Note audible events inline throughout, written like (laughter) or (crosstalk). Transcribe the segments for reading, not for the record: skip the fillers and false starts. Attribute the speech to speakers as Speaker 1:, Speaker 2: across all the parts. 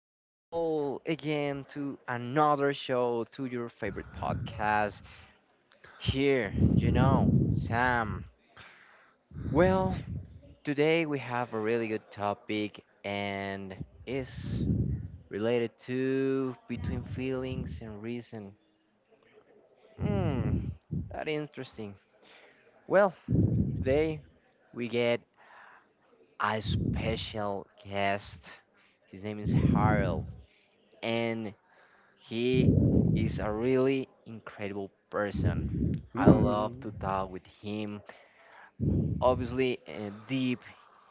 Speaker 1: people, again to another show, to your favorite podcast. Here, you know, Sam. Well, today we have a really good topic and is related to between feelings and reason. Hmm, that interesting. Well, today we get a special guest. His name is Harold, and he is a really incredible person. I love
Speaker 2: (laughs)
Speaker 1: to talk with him. Obviously, deep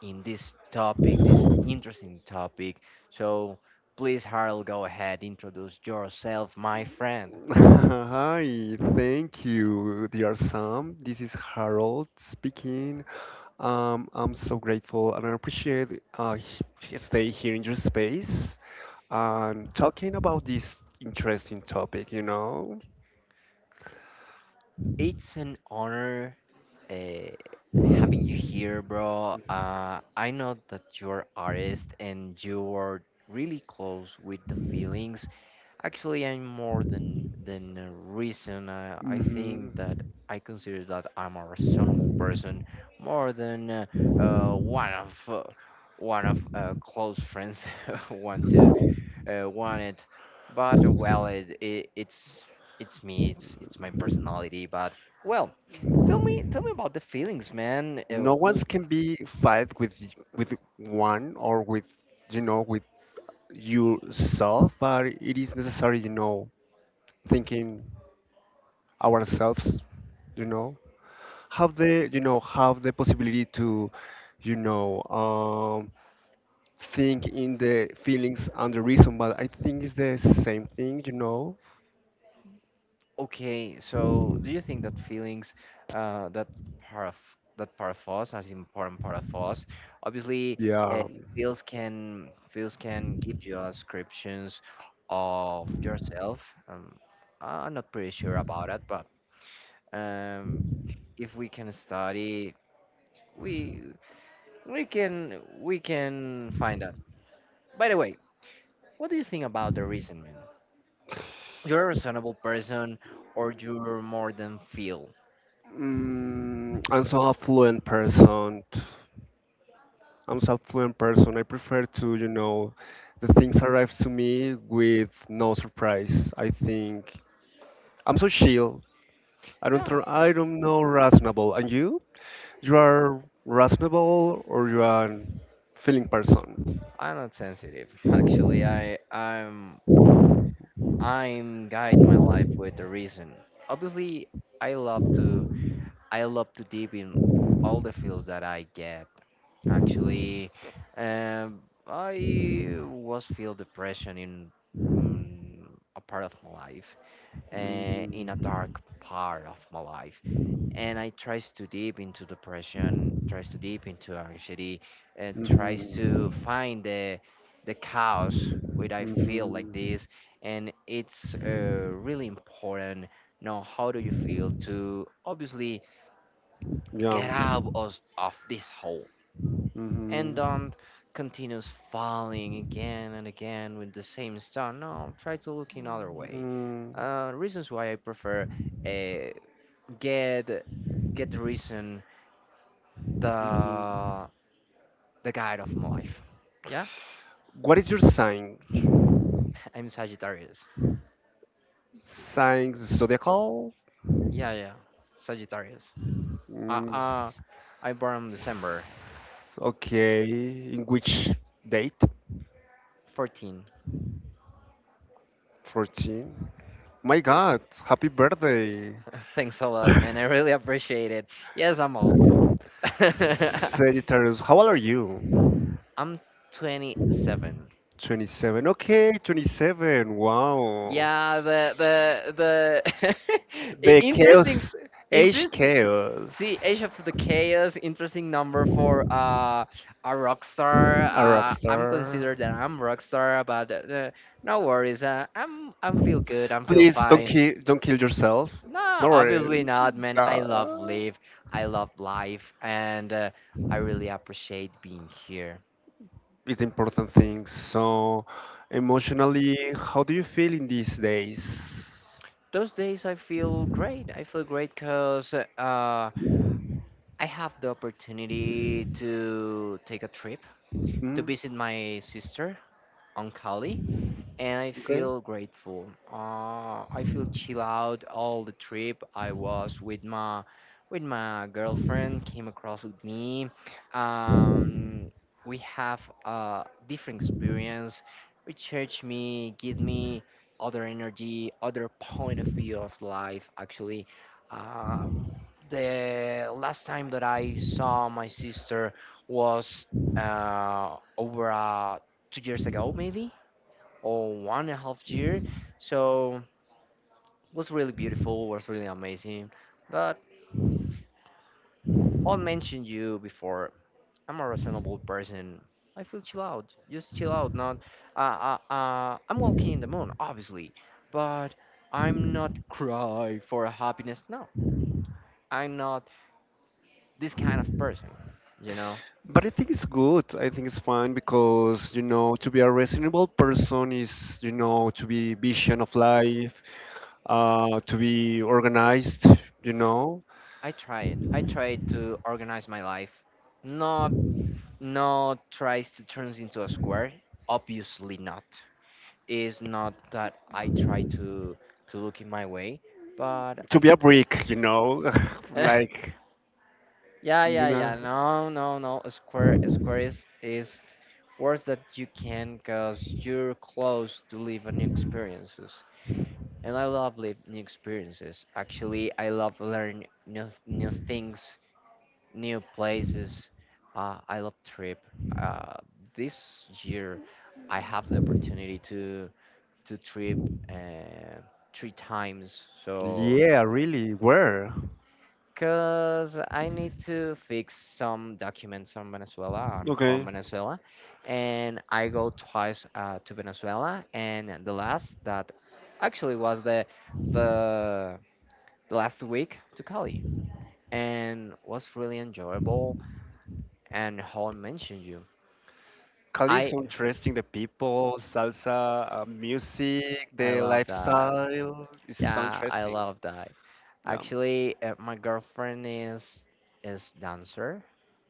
Speaker 1: in this topic, this interesting topic. So, please, Harold, go ahead, introduce yourself, my friend.
Speaker 2: Hi, thank you, dear Sam. This is Harold speaking. I'm so grateful and I appreciate stay here in your space and talking about this interesting topic.
Speaker 1: It's an honor, uh, having you here, bro. I know that you're artist and you're really close with the feelings. Actually, I'm more than a reason. I think
Speaker 2: Hmm
Speaker 1: that I consider that I'm a reasonable person more than uh, one of uh, one of close friends (laughs) want to, want it. But well, it's it's me. It's my personality. But well, tell me about the feelings, man.
Speaker 2: no one can be fight with with one or with with yourself, but it is necessary, thinking ourselves. You know. Have the have the possibility to you know um, think in the feelings and the reason, but I think it's the same thing
Speaker 1: Okay, so do you think that feelings, that part of part of us, as important part of us, obviously, uh,
Speaker 2: yeah.
Speaker 1: feels can give you descriptions of yourself. I'm not pretty sure about it, but um, if we can study, we we can find out. By the way, what do you think about the reasoning? You're a reasonable person, or you're more than feel?
Speaker 2: I'm so affluent person. I prefer to the things arrive to me with no surprise. I think I'm so chill.
Speaker 1: Yeah.
Speaker 2: I don't know reasonable. And you are reasonable, or you are feeling person?
Speaker 1: I'm not sensitive. (laughs) Actually, I'm I'm guide my life with the reason. Obviously, I love to deep in all the feels that I get. Actually, um, I was feel depression in, a part of my life, in a
Speaker 2: Mm-hmm.
Speaker 1: dark part of my life, and I tries to deep into depression, tries to deep into anxiety, and tries to
Speaker 2: Mm-hmm.
Speaker 1: find the cause where I feel like
Speaker 2: Mm-hmm.
Speaker 1: this, and it's really important. Now, how do you feel to obviously
Speaker 2: Yeah.
Speaker 1: get out of this hole and
Speaker 2: Mm-hmm. Mm.
Speaker 1: don't continues falling again and again with the same stuff? No, try to look in other way.
Speaker 2: Mhm.
Speaker 1: Reasons why I prefer, uh, get the reason the the guide of my life. Yeah,
Speaker 2: What is your sign?
Speaker 1: I'm Sagittarius.
Speaker 2: Sign zodiacal?
Speaker 1: Yeah, yeah, Sagittarius. Uh,
Speaker 2: Mm,
Speaker 1: uh
Speaker 2: s-
Speaker 1: I born in December
Speaker 2: okay, in which date?
Speaker 1: 14.
Speaker 2: 14. My God, happy birthday.
Speaker 1: (laughs) Thanks a
Speaker 2: (laughs)
Speaker 1: lot, man. I really appreciate it. Yes, I'm old. (laughs)
Speaker 2: Sagittarius, how old are you?
Speaker 1: I'm 27.
Speaker 2: 27. Okay, 27. Wow.
Speaker 1: Yeah, the (laughs)
Speaker 2: The
Speaker 1: interesting,
Speaker 2: chaos, age
Speaker 1: interesting.
Speaker 2: chaos.
Speaker 1: See, Age of the Chaos, interesting number for, a rock star.
Speaker 2: A rock
Speaker 1: I'm
Speaker 2: star.
Speaker 1: considered that I'm rock star, but no worries. I'm feel good. I'm feel
Speaker 2: Please don't
Speaker 1: fine.
Speaker 2: kill don't kill yourself.
Speaker 1: No,
Speaker 2: No
Speaker 1: obviously
Speaker 2: worries.
Speaker 1: not, man. I
Speaker 2: Uh,
Speaker 1: love live. I love life, and, I really appreciate being here.
Speaker 2: it's important thing. So emotionally, how do you feel in these days?
Speaker 1: Those days, I feel great. I feel great because, I have the opportunity to take a trip to
Speaker 2: Hmm?
Speaker 1: visit my sister on Cali, and I
Speaker 2: Okay.
Speaker 1: feel grateful. I feel chill out all the trip. I was with my girlfriend, came across with me. Um, we have a different experience. Recharge me, give me other energy, other point of view of life. Actually, uh, the last time that I saw my sister was over 2 years ago, maybe, or one and a half year. So it was really beautiful, was really amazing. But I'll mention you before. I'm a reasonable person. I feel chill out. Just chill out. Not. I'm walking in the moon, obviously, but I'm not cry for happiness. No, I'm not this kind of person. You know.
Speaker 2: But I think it's good. I think it's fine because, to be a reasonable person is, to be vision of life, to be organized, you know,
Speaker 1: I tried. I tried to organize my life. Not tries to turn into a square. Obviously not. It's not that I try to look in my way, but
Speaker 2: to
Speaker 1: I
Speaker 2: be a brick, (laughs)
Speaker 1: (laughs)
Speaker 2: like.
Speaker 1: yeah, yeah,
Speaker 2: Nah.
Speaker 1: yeah, no, no, no, a square is worse that you can cause you're close to live new experiences. And I love live new experiences. Actually, I love learn new things new places. I love trip. Uh, this year, I have the opportunity to trip uh, three times. So,
Speaker 2: Yeah, really. Where?
Speaker 1: cause I need to fix some documents from Venezuela. I'm from
Speaker 2: Okay.
Speaker 1: Venezuela, and I go twice, to Venezuela. And the last that actually was the the last week to Cali, and was really enjoyable and how I mentioned you.
Speaker 2: Cali is
Speaker 1: I
Speaker 2: so interesting. The people, salsa, music,
Speaker 1: I
Speaker 2: the
Speaker 1: love that.
Speaker 2: lifestyle is so
Speaker 1: Yeah, I
Speaker 2: interesting.
Speaker 1: love that.
Speaker 2: Yeah.
Speaker 1: Actually, my girlfriend is dancer.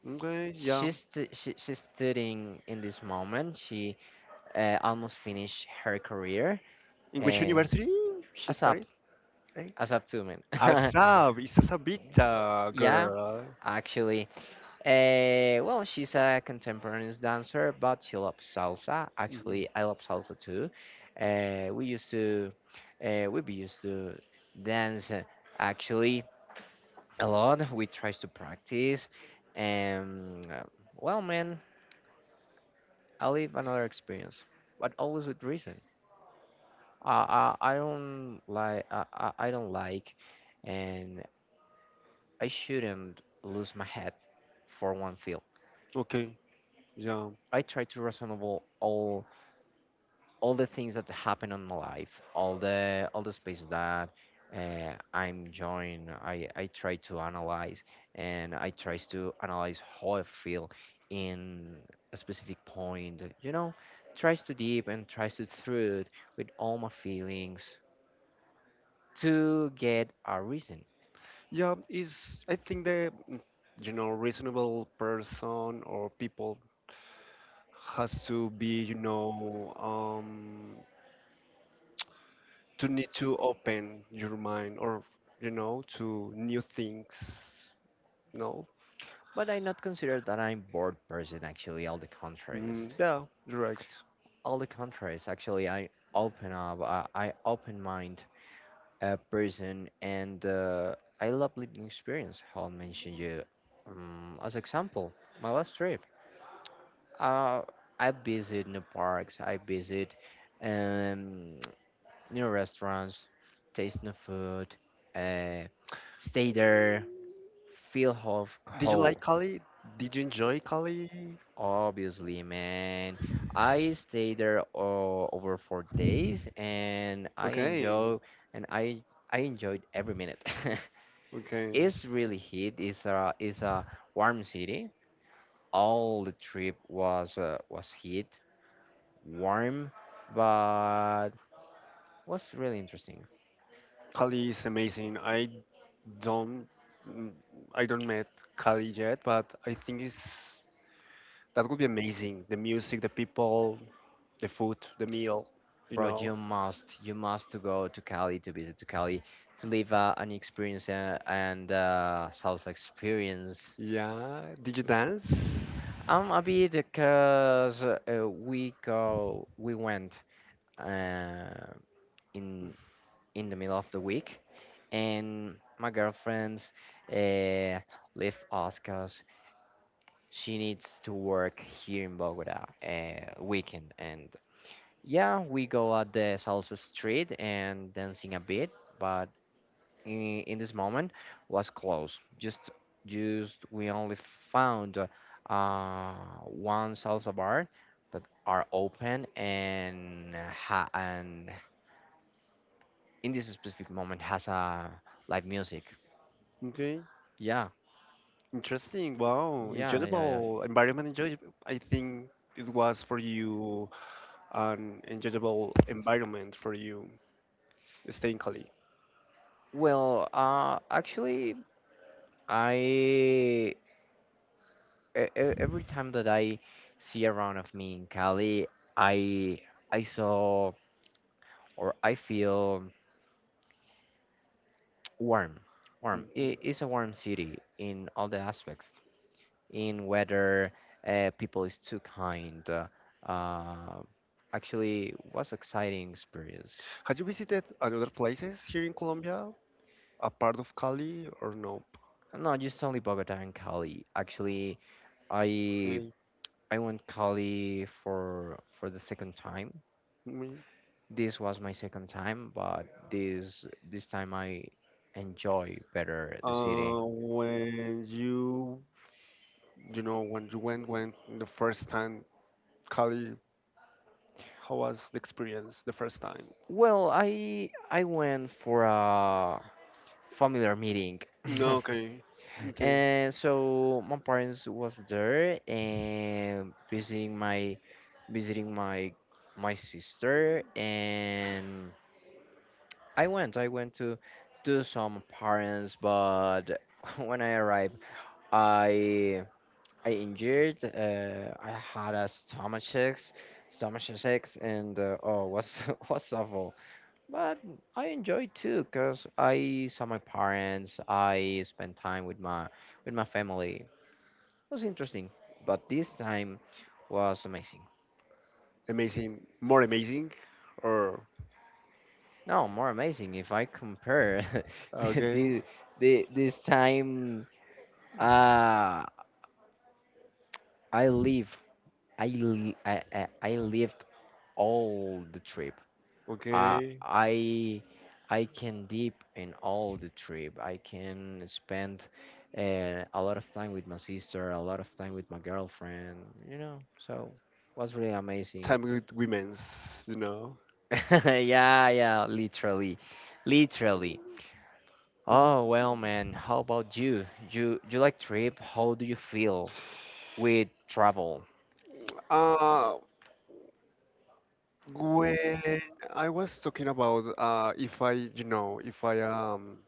Speaker 2: Okay. Yeah.
Speaker 1: She's studying in this moment. She, almost finished her career,
Speaker 2: In which
Speaker 1: uh,
Speaker 2: university she
Speaker 1: asap
Speaker 2: studied? Eh?
Speaker 1: as man.
Speaker 2: Asab. It's
Speaker 1: (laughs)
Speaker 2: Asabita
Speaker 1: Yeah,
Speaker 2: girl.
Speaker 1: actually, well, she's a contemporary dancer, but she loves salsa.
Speaker 2: Mhm.
Speaker 1: Actually, I love salsa too. We used to, we be used to dance, actually a lot. We tries to practice, and, well, man, I live another experience, but always with reason. I don't like, I don't like, and I shouldn't lose my head for one field.
Speaker 2: Okay. Yeah.
Speaker 1: I try to reasonable all the things that happen on my life, all the spaces that, I'm enjoying. I try to analyze and I try to analyze how I feel in a specific point. You know, tries to deep and tries to through it with all my feelings to get a reason.
Speaker 2: Yeah, is I think the reasonable person or people has to be to need to open your mind or to new things. No,
Speaker 1: But I not consider that I'm bored person. Actually, all the contraries.
Speaker 2: mm, yeah, direct.
Speaker 1: All the contraries. Actually, I open up. I open mind, person and, I love living experience. How I mentioned you, as example, my last trip. Uh, I visit new parks. I visit, um, (tsk) new restaurants, taste new food, uh, stay there, feel ho
Speaker 2: Did you
Speaker 1: whole.
Speaker 2: like Cali? Did you enjoy Cali?
Speaker 1: Obviously, man. I stay there, over 4 days, and I
Speaker 2: Okay,
Speaker 1: enjoy and I enjoyed every minute. (laughs)
Speaker 2: okay.
Speaker 1: It's really heat. It's a warm city. All the trip was, was heat, warm, but was really interesting.
Speaker 2: Cali is amazing. Don't, mm, I don't met Cali yet, but I think it's. That would be amazing. The music, the people, the food, the meal, you
Speaker 1: Bro,
Speaker 2: know.
Speaker 1: you must to go to Cali to visit to Cali to live, an experience, and salsa experience.
Speaker 2: Yeah. Did you dance?
Speaker 1: I'm a bit because we went, uh, in the middle of the week and my girlfriend's, uh, left Oscars. She needs to work here in Bogota, weekend, and yeah, we go at the salsa street and dancing a bit, but in this moment was closed. Just we only found, one salsa bar that are open and in this specific moment has a live music.
Speaker 2: Okay.
Speaker 1: Yeah.
Speaker 2: Interesting. Wow.
Speaker 1: Yeah, yeah, yeah.
Speaker 2: Enjoyable environment. Enjoy. I think it was for you an enjoyable environment for you staying Cali.
Speaker 1: Well, actually, I e- e- every time that I see around of me in Cali, I I saw or I feel warm. Warm.
Speaker 2: Mhm.
Speaker 1: It's a warm city in all the aspects. In weather, people is too kind. Uh, actually, was exciting experience.
Speaker 2: Had you visited other places here in Colombia, a part of Cali or no?
Speaker 1: Not just only Bogota and Cali. Actually, I
Speaker 2: Okay.
Speaker 1: I went Cali for the second time. This was my second time, but this this time I enjoy better the city.
Speaker 2: When you went, the first time, Kali, how was the experience the first time?
Speaker 1: Well, I went for a familiar meeting.
Speaker 2: No,
Speaker 1: (laughs)
Speaker 2: okay, okay,
Speaker 1: And so my parents was there and visiting my visiting my my sister, and I went. I went to do some parents, but (laughs) when I arrived, I I injured. I had a stomach aches, and, oh, was (laughs) was awful. But I enjoyed too, cause I saw my parents. I spent time with my family. It was interesting, but this time was amazing.
Speaker 2: amazing, more amazing, or
Speaker 1: No, more amazing if I compare (laughs) the,
Speaker 2: okay,
Speaker 1: the, the this time. Uh, I live, I lived all the trip. Uh,
Speaker 2: okay,
Speaker 1: I, I can deep in all the trip. I can spend, a lot of time with my sister, a lot of time with my girlfriend, you know. So was really amazing.
Speaker 2: time with women's, you know.
Speaker 1: (laughs) Yeah, yeah, literally, literally.
Speaker 2: Mm.
Speaker 1: Oh, well, man, how about you? You like trip? How do you feel with travel?
Speaker 2: Uh, when I was talking about if I, you know, if I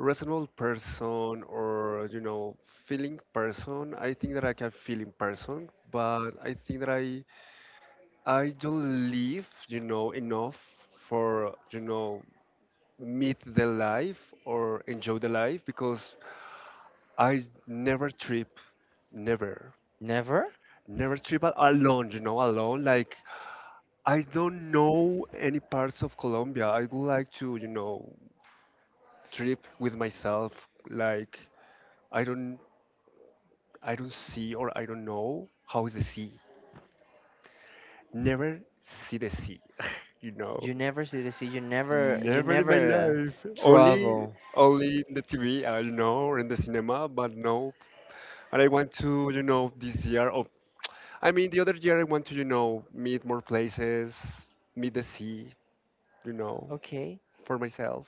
Speaker 2: reasonable person or feeling person, I think that I can feeling person, but I think that I don't live enough for meet the life or enjoy the life because I never trip never
Speaker 1: Never?
Speaker 2: never trip alone like I don't know any parts of Colombia. I would like to trip with myself, like i don't I don't see or I don't know how is the sea. Never see the sea. (laughs) you know.
Speaker 1: You never see the sea. You never
Speaker 2: Never in my life. Only
Speaker 1: travel.
Speaker 2: only in the TV, I don't know, or in the cinema, but no. And I want to, this year of, I mean, the other year, I want to, meet more places, meet the sea, you know,
Speaker 1: Okay.
Speaker 2: for myself.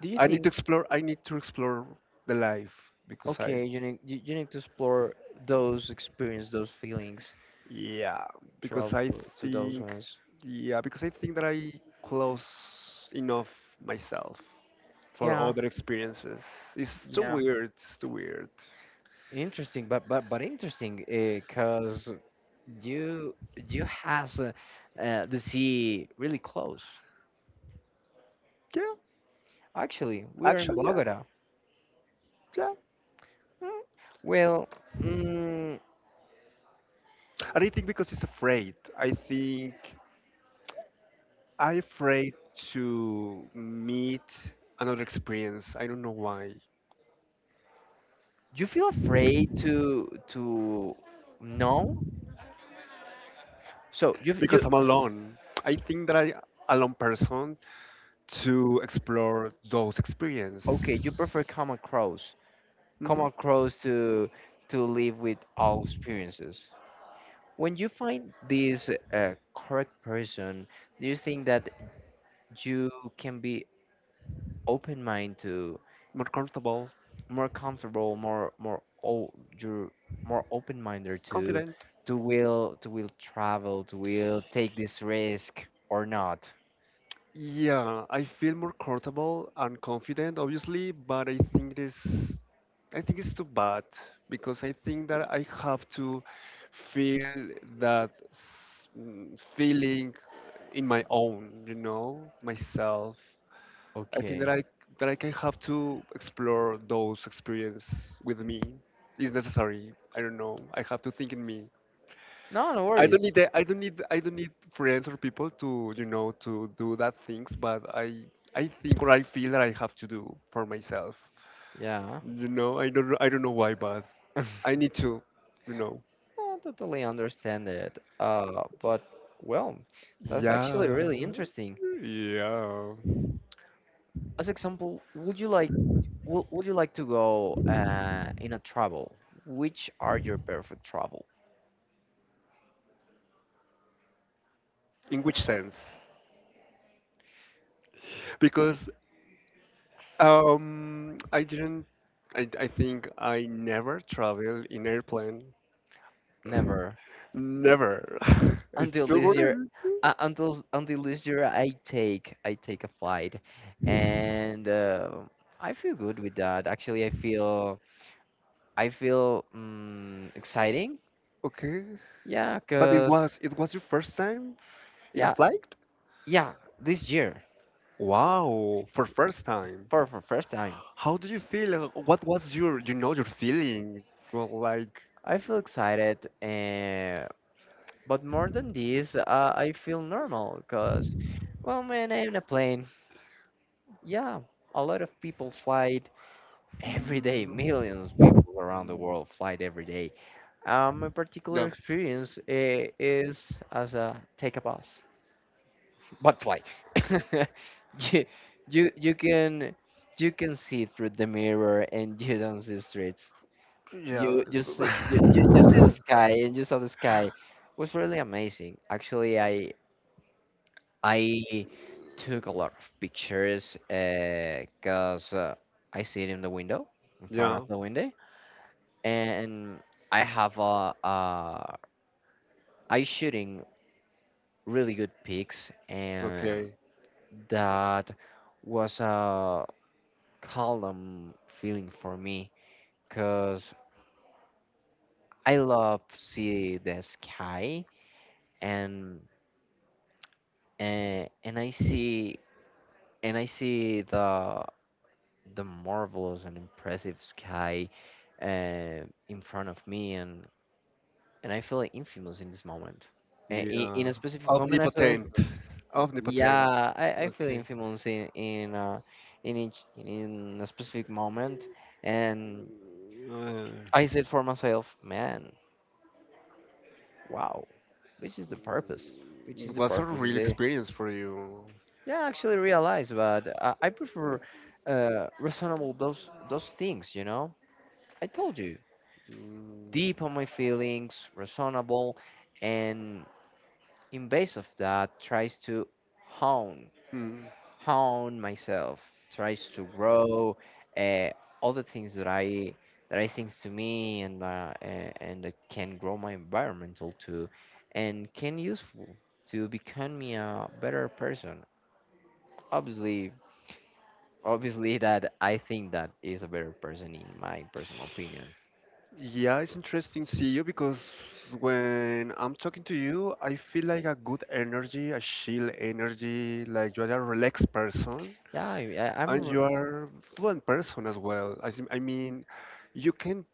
Speaker 1: Do you
Speaker 2: I need to
Speaker 1: think
Speaker 2: explore I need to explore the life because I.
Speaker 1: okay you need you need to explore those experience those feelings.
Speaker 2: Yeah, because
Speaker 1: Travel
Speaker 2: I
Speaker 1: to those
Speaker 2: think,
Speaker 1: ones.
Speaker 2: yeah, because I think that I close enough myself for
Speaker 1: Yeah,
Speaker 2: other experiences. It's too
Speaker 1: yeah.
Speaker 2: weird. It's too weird.
Speaker 1: Interesting, but interesting because you you has, the sea really close.
Speaker 2: Yeah,
Speaker 1: Actually, we are in
Speaker 2: actually, yeah,
Speaker 1: Bogota.
Speaker 2: yeah.
Speaker 1: Mm, well, mm,
Speaker 2: And I think because it's afraid. I think I afraid to meet another experience. I don't know why.
Speaker 1: you feel afraid to know. So you you
Speaker 2: Because I'm alone. I think that I alone person to explore those
Speaker 1: okay, you prefer
Speaker 2: experiences.
Speaker 1: come
Speaker 2: Hmm.
Speaker 1: across to live with all experiences. When you find this, correct person, do you think that you can be open mind to
Speaker 2: More comfortable,
Speaker 1: more comfortable, more oh, you're more open minded to
Speaker 2: confident.
Speaker 1: to will travel, to will take this risk or not?
Speaker 2: Yeah, I feel more comfortable and confident, obviously, but I think it is, I think it's too bad because I think that I have to feel that feeling in my own, myself. I think
Speaker 1: Okay.
Speaker 2: that I can have to explore those experience with me. It's necessary. I don't know. I have to think in me.
Speaker 1: No, no
Speaker 2: I don't
Speaker 1: worries.
Speaker 2: need the, I don't need friends or people to to do that things, but I think or I feel that I have to do for myself.
Speaker 1: Yeah.
Speaker 2: I don't know why, but
Speaker 1: (laughs)
Speaker 2: I need to, you know.
Speaker 1: Eh, I totally understand it. But well, that's actually really
Speaker 2: Yeah,
Speaker 1: interesting.
Speaker 2: yeah.
Speaker 1: As example, would you like, would you like to go, in a travel? Which are your perfect travel?
Speaker 2: In which sense? Because I didn't. I think I never travel in airplane.
Speaker 1: Never
Speaker 2: Never. (laughs) It's
Speaker 1: until
Speaker 2: too
Speaker 1: this year.
Speaker 2: weird.
Speaker 1: Until this year, I take a flight, and, I feel good with that. Actually, I feel, exciting.
Speaker 2: Okay.
Speaker 1: Yeah,
Speaker 2: But it
Speaker 1: cause
Speaker 2: was it was your first time? In a
Speaker 1: yeah
Speaker 2: flight?
Speaker 1: yeah this year
Speaker 2: Wow, for first time.
Speaker 1: for first time.
Speaker 2: How do you feel? What was your feeling? Well, like,
Speaker 1: I feel excited, but more than this, I feel normal because, well, man, I'm in a plane. Yeah, a lot of people fly every
Speaker 2: mm,
Speaker 1: day. (laughs) Millions of people around the
Speaker 2: mm,
Speaker 1: world fly every day. My
Speaker 2: yeah,
Speaker 1: particular experience is as a take a bus, but fly. (laughs) you, you, you can, you can see through the mirror, and you don't see streets.
Speaker 2: yeah,
Speaker 1: you
Speaker 2: it's
Speaker 1: you see you, you, you see the
Speaker 2: good. (laughs)
Speaker 1: sky, and you saw the sky. It was really amazing. Actually, I took a lot of pictures because I see it in the window, in front
Speaker 2: yeah,
Speaker 1: of the window. And I have a I shooting really good pics, and
Speaker 2: okay,
Speaker 1: that was a calm feeling for me because I love see the sky, and and I see the marvelous and impressive sky in front of me, and I feel infamous in this moment. In
Speaker 2: yeah,
Speaker 1: a specific moment, I feel
Speaker 2: omnipotent,
Speaker 1: infamous.
Speaker 2: omnipotent.
Speaker 1: Yeah, I feel
Speaker 2: Okay,
Speaker 1: infamous in a specific moment, and
Speaker 2: uh,
Speaker 1: I said for myself, man, wow, which is the purpose? Which is
Speaker 2: it
Speaker 1: the
Speaker 2: was a
Speaker 1: purpose of
Speaker 2: real
Speaker 1: this?
Speaker 2: experience for you.
Speaker 1: Yeah, I actually realize, but I prefer reasonable those things. You know, I told you,
Speaker 2: Mm.
Speaker 1: deep on my feelings, reasonable, and in base of that, tries to hone
Speaker 2: mm.
Speaker 1: hone myself, tries to grow, uh, all the things that I think to me, and and that can grow my environmental too, and can useful to become me a better person. Obviously obviously that I think that is a better person in my personal opinion.
Speaker 2: Yeah, it's interesting to see you because when I'm talking to you, I feel like a good energy, a chill energy, like you are a relaxed person,
Speaker 1: Yeah, I, I- I'm.
Speaker 2: and
Speaker 1: r-
Speaker 2: you are fluent person as well. I mean, you can,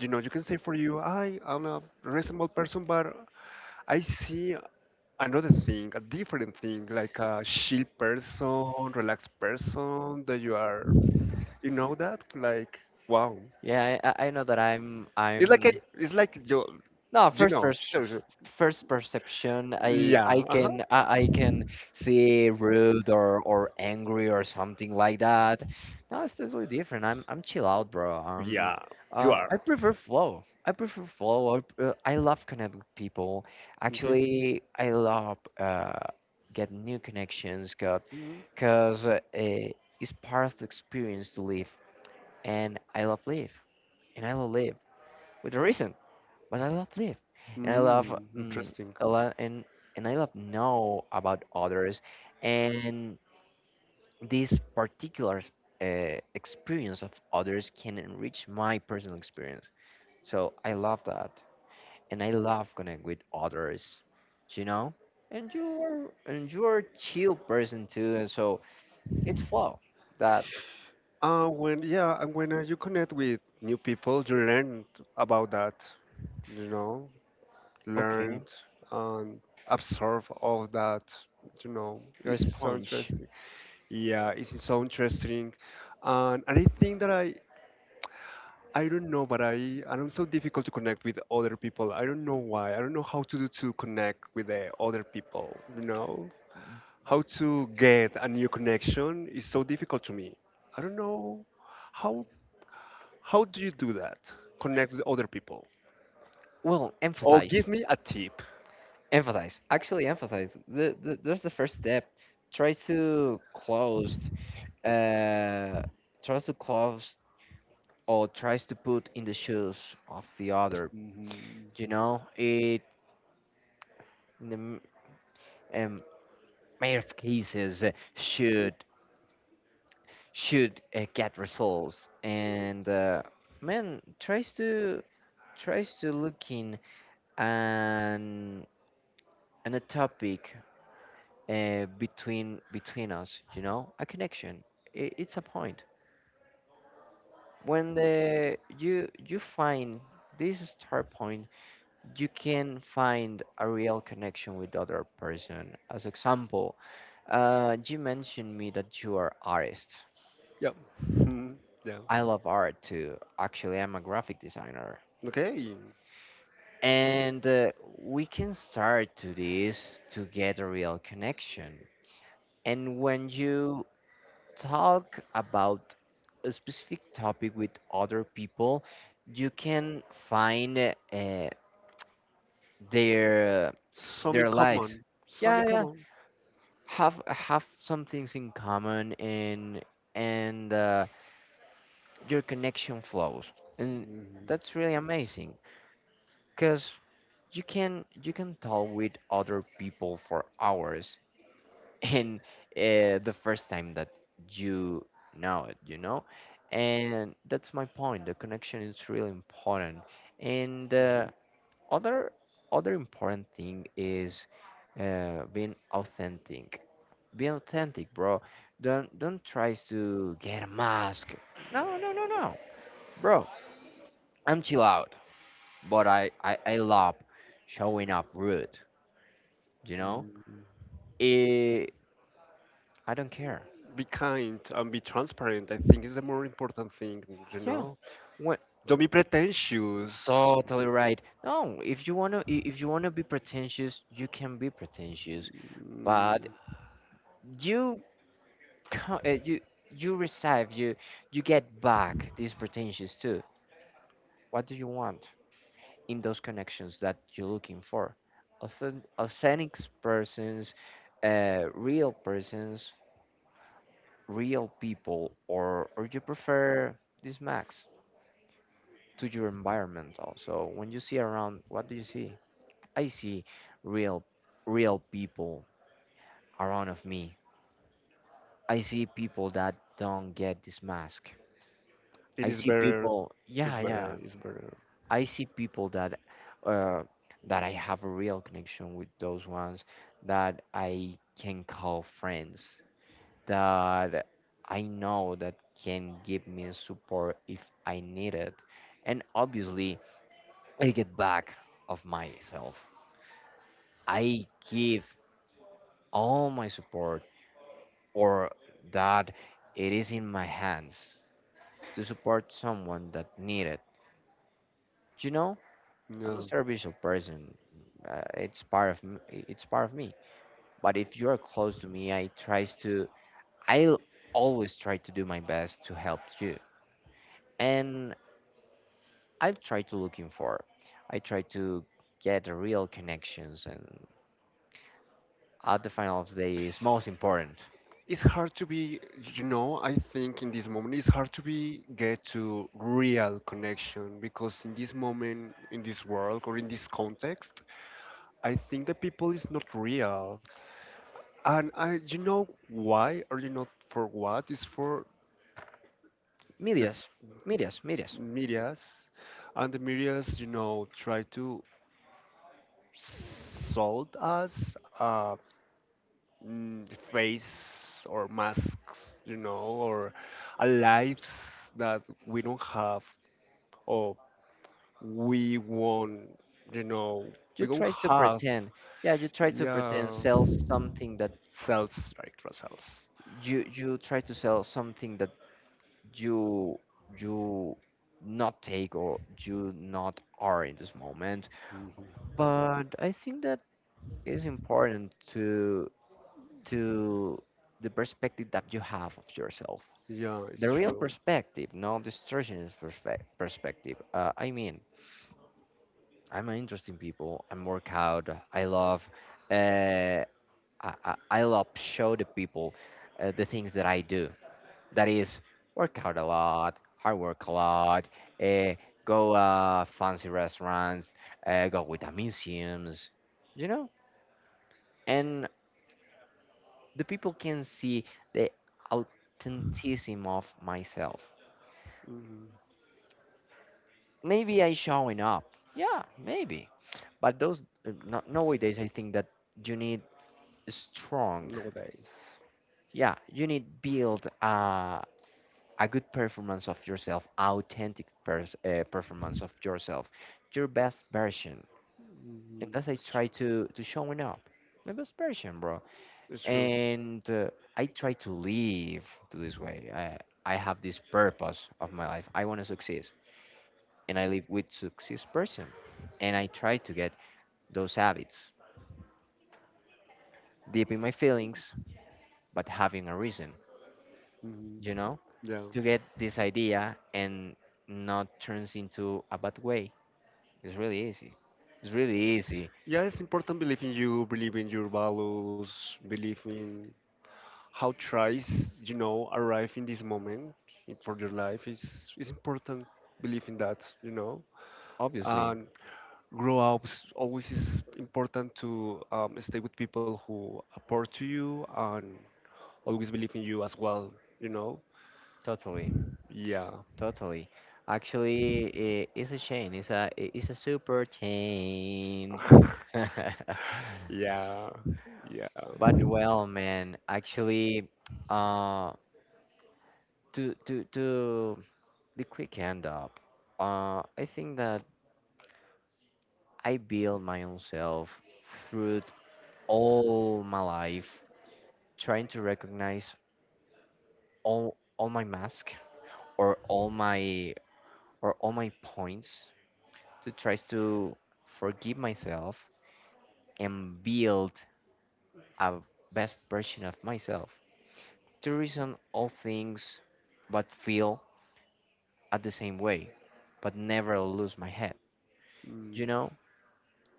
Speaker 2: you can say for you, I am a reasonable person, but I see another thing, a different thing, like a chill person, relaxed person, that you are, you know that? Like, wow.
Speaker 1: Yeah, I know that I'm.
Speaker 2: It's like a,
Speaker 1: I'm.
Speaker 2: it's like you,
Speaker 1: No, first first
Speaker 2: sure
Speaker 1: first perception, I I
Speaker 2: yeah, uh-huh,
Speaker 1: can I, I can see rude or angry or something like that. No, it's totally different. I'm chill out, bro.
Speaker 2: yeah, you
Speaker 1: I
Speaker 2: are.
Speaker 1: prefer flow. I prefer flow. I love connect with people.
Speaker 2: Okay.
Speaker 1: Actually, I love get new connections, got
Speaker 2: Mm,
Speaker 1: cause it's part of the experience to live, and I love live, and I love live with a reason, but I love live, and I love
Speaker 2: interesting.
Speaker 1: a lot, and I love know about others, and this particular experience of others can enrich my personal experience. So I love that, and I love connect with others, you know. And you're a chill person too, and so it's flow that.
Speaker 2: When, yeah, and when you connect with new people, you learn about that, you know, learn
Speaker 1: Okay,
Speaker 2: and absorb all that.
Speaker 1: you're a
Speaker 2: It's so
Speaker 1: sponge.
Speaker 2: interesting. Yeah, it's so interesting, and, I think that I don't know, but I'm so difficult to connect with other people. I don't know why. I don't know how to do to connect with the other people. How to get a new connection is so difficult to me. I don't know how how do you do that? Connect with other people,
Speaker 1: Well,
Speaker 2: or
Speaker 1: empathize.
Speaker 2: give me a tip.
Speaker 1: Empathize. Actually, empathize. That's the first step. Try to close, uh, tries to close, or tries to put in the shoes of the other.
Speaker 2: Hmm.
Speaker 1: You know, it in the um, mayor of cases should get results. And man tries to look in, and a topic between us. You know, a connection. It's a point when the you find this start point. You can find a real connection with the other person. As example, you mentioned me that you are artist.
Speaker 2: Yeah. Mhm. Yeah.
Speaker 1: I love art too. Actually, I'm a graphic designer,
Speaker 2: Okay,
Speaker 1: and we can start to this to get a real connection. And when you talk about a specific topic with other people, you can find uh, their
Speaker 2: some in
Speaker 1: their lives.
Speaker 2: common, some in
Speaker 1: Yeah, yeah.
Speaker 2: common.
Speaker 1: Have some things in common, and your connection flows, and
Speaker 2: Mhm.
Speaker 1: that's really amazing because you can talk with other people for hours. (laughs) And the first time that you know it. And that's my point. The connection is really important, and
Speaker 2: Mhm.
Speaker 1: other other important thing is being authentic. Be authentic, bro. Don't try to get a mask. No, no, no, no, bro, I'm chill out, but I love showing up rude you know
Speaker 2: Mhm.
Speaker 1: Eh, I don't care.
Speaker 2: Be kind and be transparent. I think is the more important thing, you
Speaker 1: Yeah.
Speaker 2: know.
Speaker 1: What?
Speaker 2: Don't be pretentious.
Speaker 1: Totally right. No, if you want to, be pretentious, you can be pretentious. But
Speaker 2: Mm,
Speaker 1: you co- uh, you you receive, you get back these pretensions too. What do you want in those connections that you're looking for? Authentic persons, real persons, real people, or you prefer this max to your environment? Also, when you see around, what do you see? I see real real people around of me. I see people that don't get this mask.
Speaker 2: it
Speaker 1: I
Speaker 2: is
Speaker 1: see
Speaker 2: better.
Speaker 1: people,
Speaker 2: It's
Speaker 1: yeah, yeah.
Speaker 2: better. It's better.
Speaker 1: I see people that uh, that I have a real connection with, those ones that I can call friends, that I know that can give me support if I need it. And obviously, I get back of myself. I give all my support, or that it is in my hands, to support someone that need it. You know, I'm a
Speaker 2: No,
Speaker 1: serviceable person. It's part of me. But if you're close to me, I'll always try to do my best to help you. And I've tried to looking for. I try to get the real connections, and at the final of the day is most important.
Speaker 2: it's hard to be. I think in this moment it's hard to be get to real connection because in this moment, in this world, or in this context, I think the people is not real. And I, you know why, or you know for what? It's for
Speaker 1: Medias,
Speaker 2: this.
Speaker 1: medias, medias.
Speaker 2: Medias, and the medias, try to sold us face or masks, or a lives that we don't have or we won't, you know,
Speaker 1: You
Speaker 2: we don't
Speaker 1: tries to
Speaker 2: have.
Speaker 1: pretend, yeah, you try to pretend
Speaker 2: Yeah,
Speaker 1: sell something that
Speaker 2: cells, right, for cells.
Speaker 1: you try to sell something that you you not take, or you not are in this moment.
Speaker 2: Hmm.
Speaker 1: But I think that is important to to the perspective that you have of yourself,
Speaker 2: Yeah, it's
Speaker 1: the real
Speaker 2: true.
Speaker 1: perspective, not distortionist perspective. I mean, I'm an interesting people, I'm workout. I love uh, I love show the people the things that I do, that is work hard a lot, hard work a lot, uh, go fancy restaurants, go with the museums, you know, and the people can see the authenticism of myself.
Speaker 2: Hmm.
Speaker 1: Maybe I showing up, yeah, maybe, but those no, nowadays I think that you need strong.
Speaker 2: Nowadays.
Speaker 1: Yeah, you need build a good performance of yourself, authentic performance of yourself, your best version. And
Speaker 2: Hmm.
Speaker 1: thus I
Speaker 2: It's
Speaker 1: try
Speaker 2: true.
Speaker 1: to showing up my best version, bro.
Speaker 2: It's true.
Speaker 1: And I try to live to this way. I have this purpose of my life. I want to succeed, and I live with success person, and I try to get those habits deep in my feelings, but having a reason,
Speaker 2: Mhm.
Speaker 1: you know,
Speaker 2: Yeah.
Speaker 1: to get this idea and not turns into a bad way. It's really easy. It's really easy.
Speaker 2: Yeah, it's important believe in you, believe in your values, believe in how tries, arrive in this moment for your life. It's important believe in that.
Speaker 1: Obviously,
Speaker 2: And grow up is always is important to stay with people who support to you and always believe in you as well, you know.
Speaker 1: totally.
Speaker 2: Yeah,
Speaker 1: Totally. Actually, I it's a chain. It's a super chain.
Speaker 2: (laughs)
Speaker 1: (laughs)
Speaker 2: yeah, yeah.
Speaker 1: But well, man, actually, uh, to the quick end up, I think that I build my own self through all my life, trying to recognize all my mask, or all my, or all my points, to try to forgive myself and build a best version of myself. To reason all things but feel at the same way, but never lose my head.
Speaker 2: Mm.
Speaker 1: You know,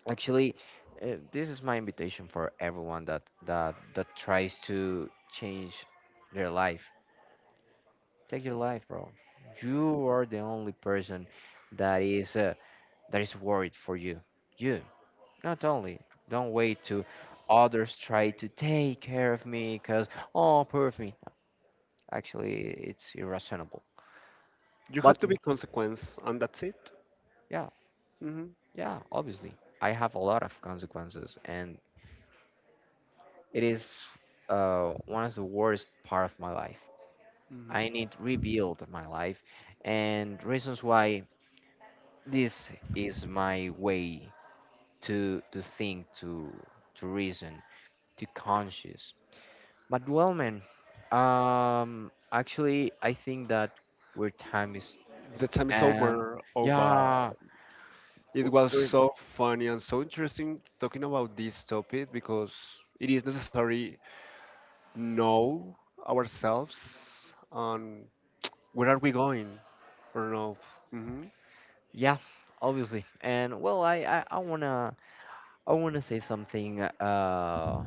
Speaker 1: actually, this is my invitation for everyone that tries to change their life. Take your life, bro. You are the only person that is uh, that is worried for you. You, not only. Don't wait to others try to take care of me, cause oh, poor of me. Actually, it's irrational.
Speaker 2: You have
Speaker 1: But
Speaker 2: to be consequence, and that's it.
Speaker 1: yeah,
Speaker 2: Mm-hmm.
Speaker 1: yeah, obviously, I have a lot of consequences, and it is one of the worst part of my life.
Speaker 2: Mm.
Speaker 1: I need rebuild my life, and reasons why this is my way to think, to reason, to conscious. But well, man, actually, I think that where time is
Speaker 2: The
Speaker 1: is
Speaker 2: time is
Speaker 1: and
Speaker 2: over. Oh, but
Speaker 1: yeah,
Speaker 2: it was
Speaker 1: we're.
Speaker 2: so funny and so interesting talking about this topic because it is necessary know ourselves on where are we going or no. Hmm.
Speaker 1: Yeah, obviously. And well, I wanna say something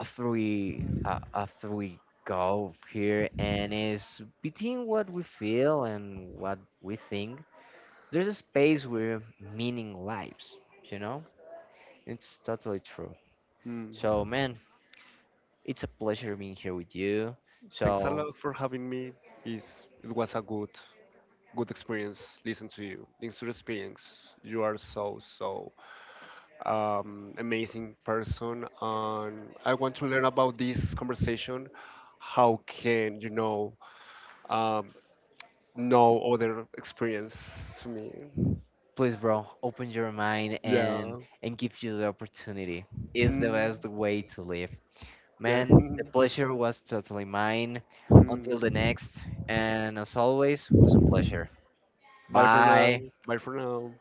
Speaker 1: after we go here, and is between what we feel and what we think. There's a space where meaning lives. You know, it's totally true.
Speaker 2: Mm.
Speaker 1: So, man, it's a pleasure being here with you.
Speaker 2: Thanks a
Speaker 1: So
Speaker 2: lot for having me. Is it was a good experience. Listen to you. Thanks to the experience. You are so so amazing person, and I want to learn about this conversation. How can you um, know other experience to me?
Speaker 1: please, bro, open your mind
Speaker 2: Yeah.
Speaker 1: and give you the opportunity. Is the
Speaker 2: Mm,
Speaker 1: best way to live.
Speaker 2: yeah.
Speaker 1: Man, the
Speaker 2: (laughs)
Speaker 1: pleasure was totally mine. Until
Speaker 2: Mm.
Speaker 1: the
Speaker 2: mm.
Speaker 1: next, and as always, was a pleasure.
Speaker 2: Bye for now.
Speaker 1: Bye.
Speaker 2: Bye for now.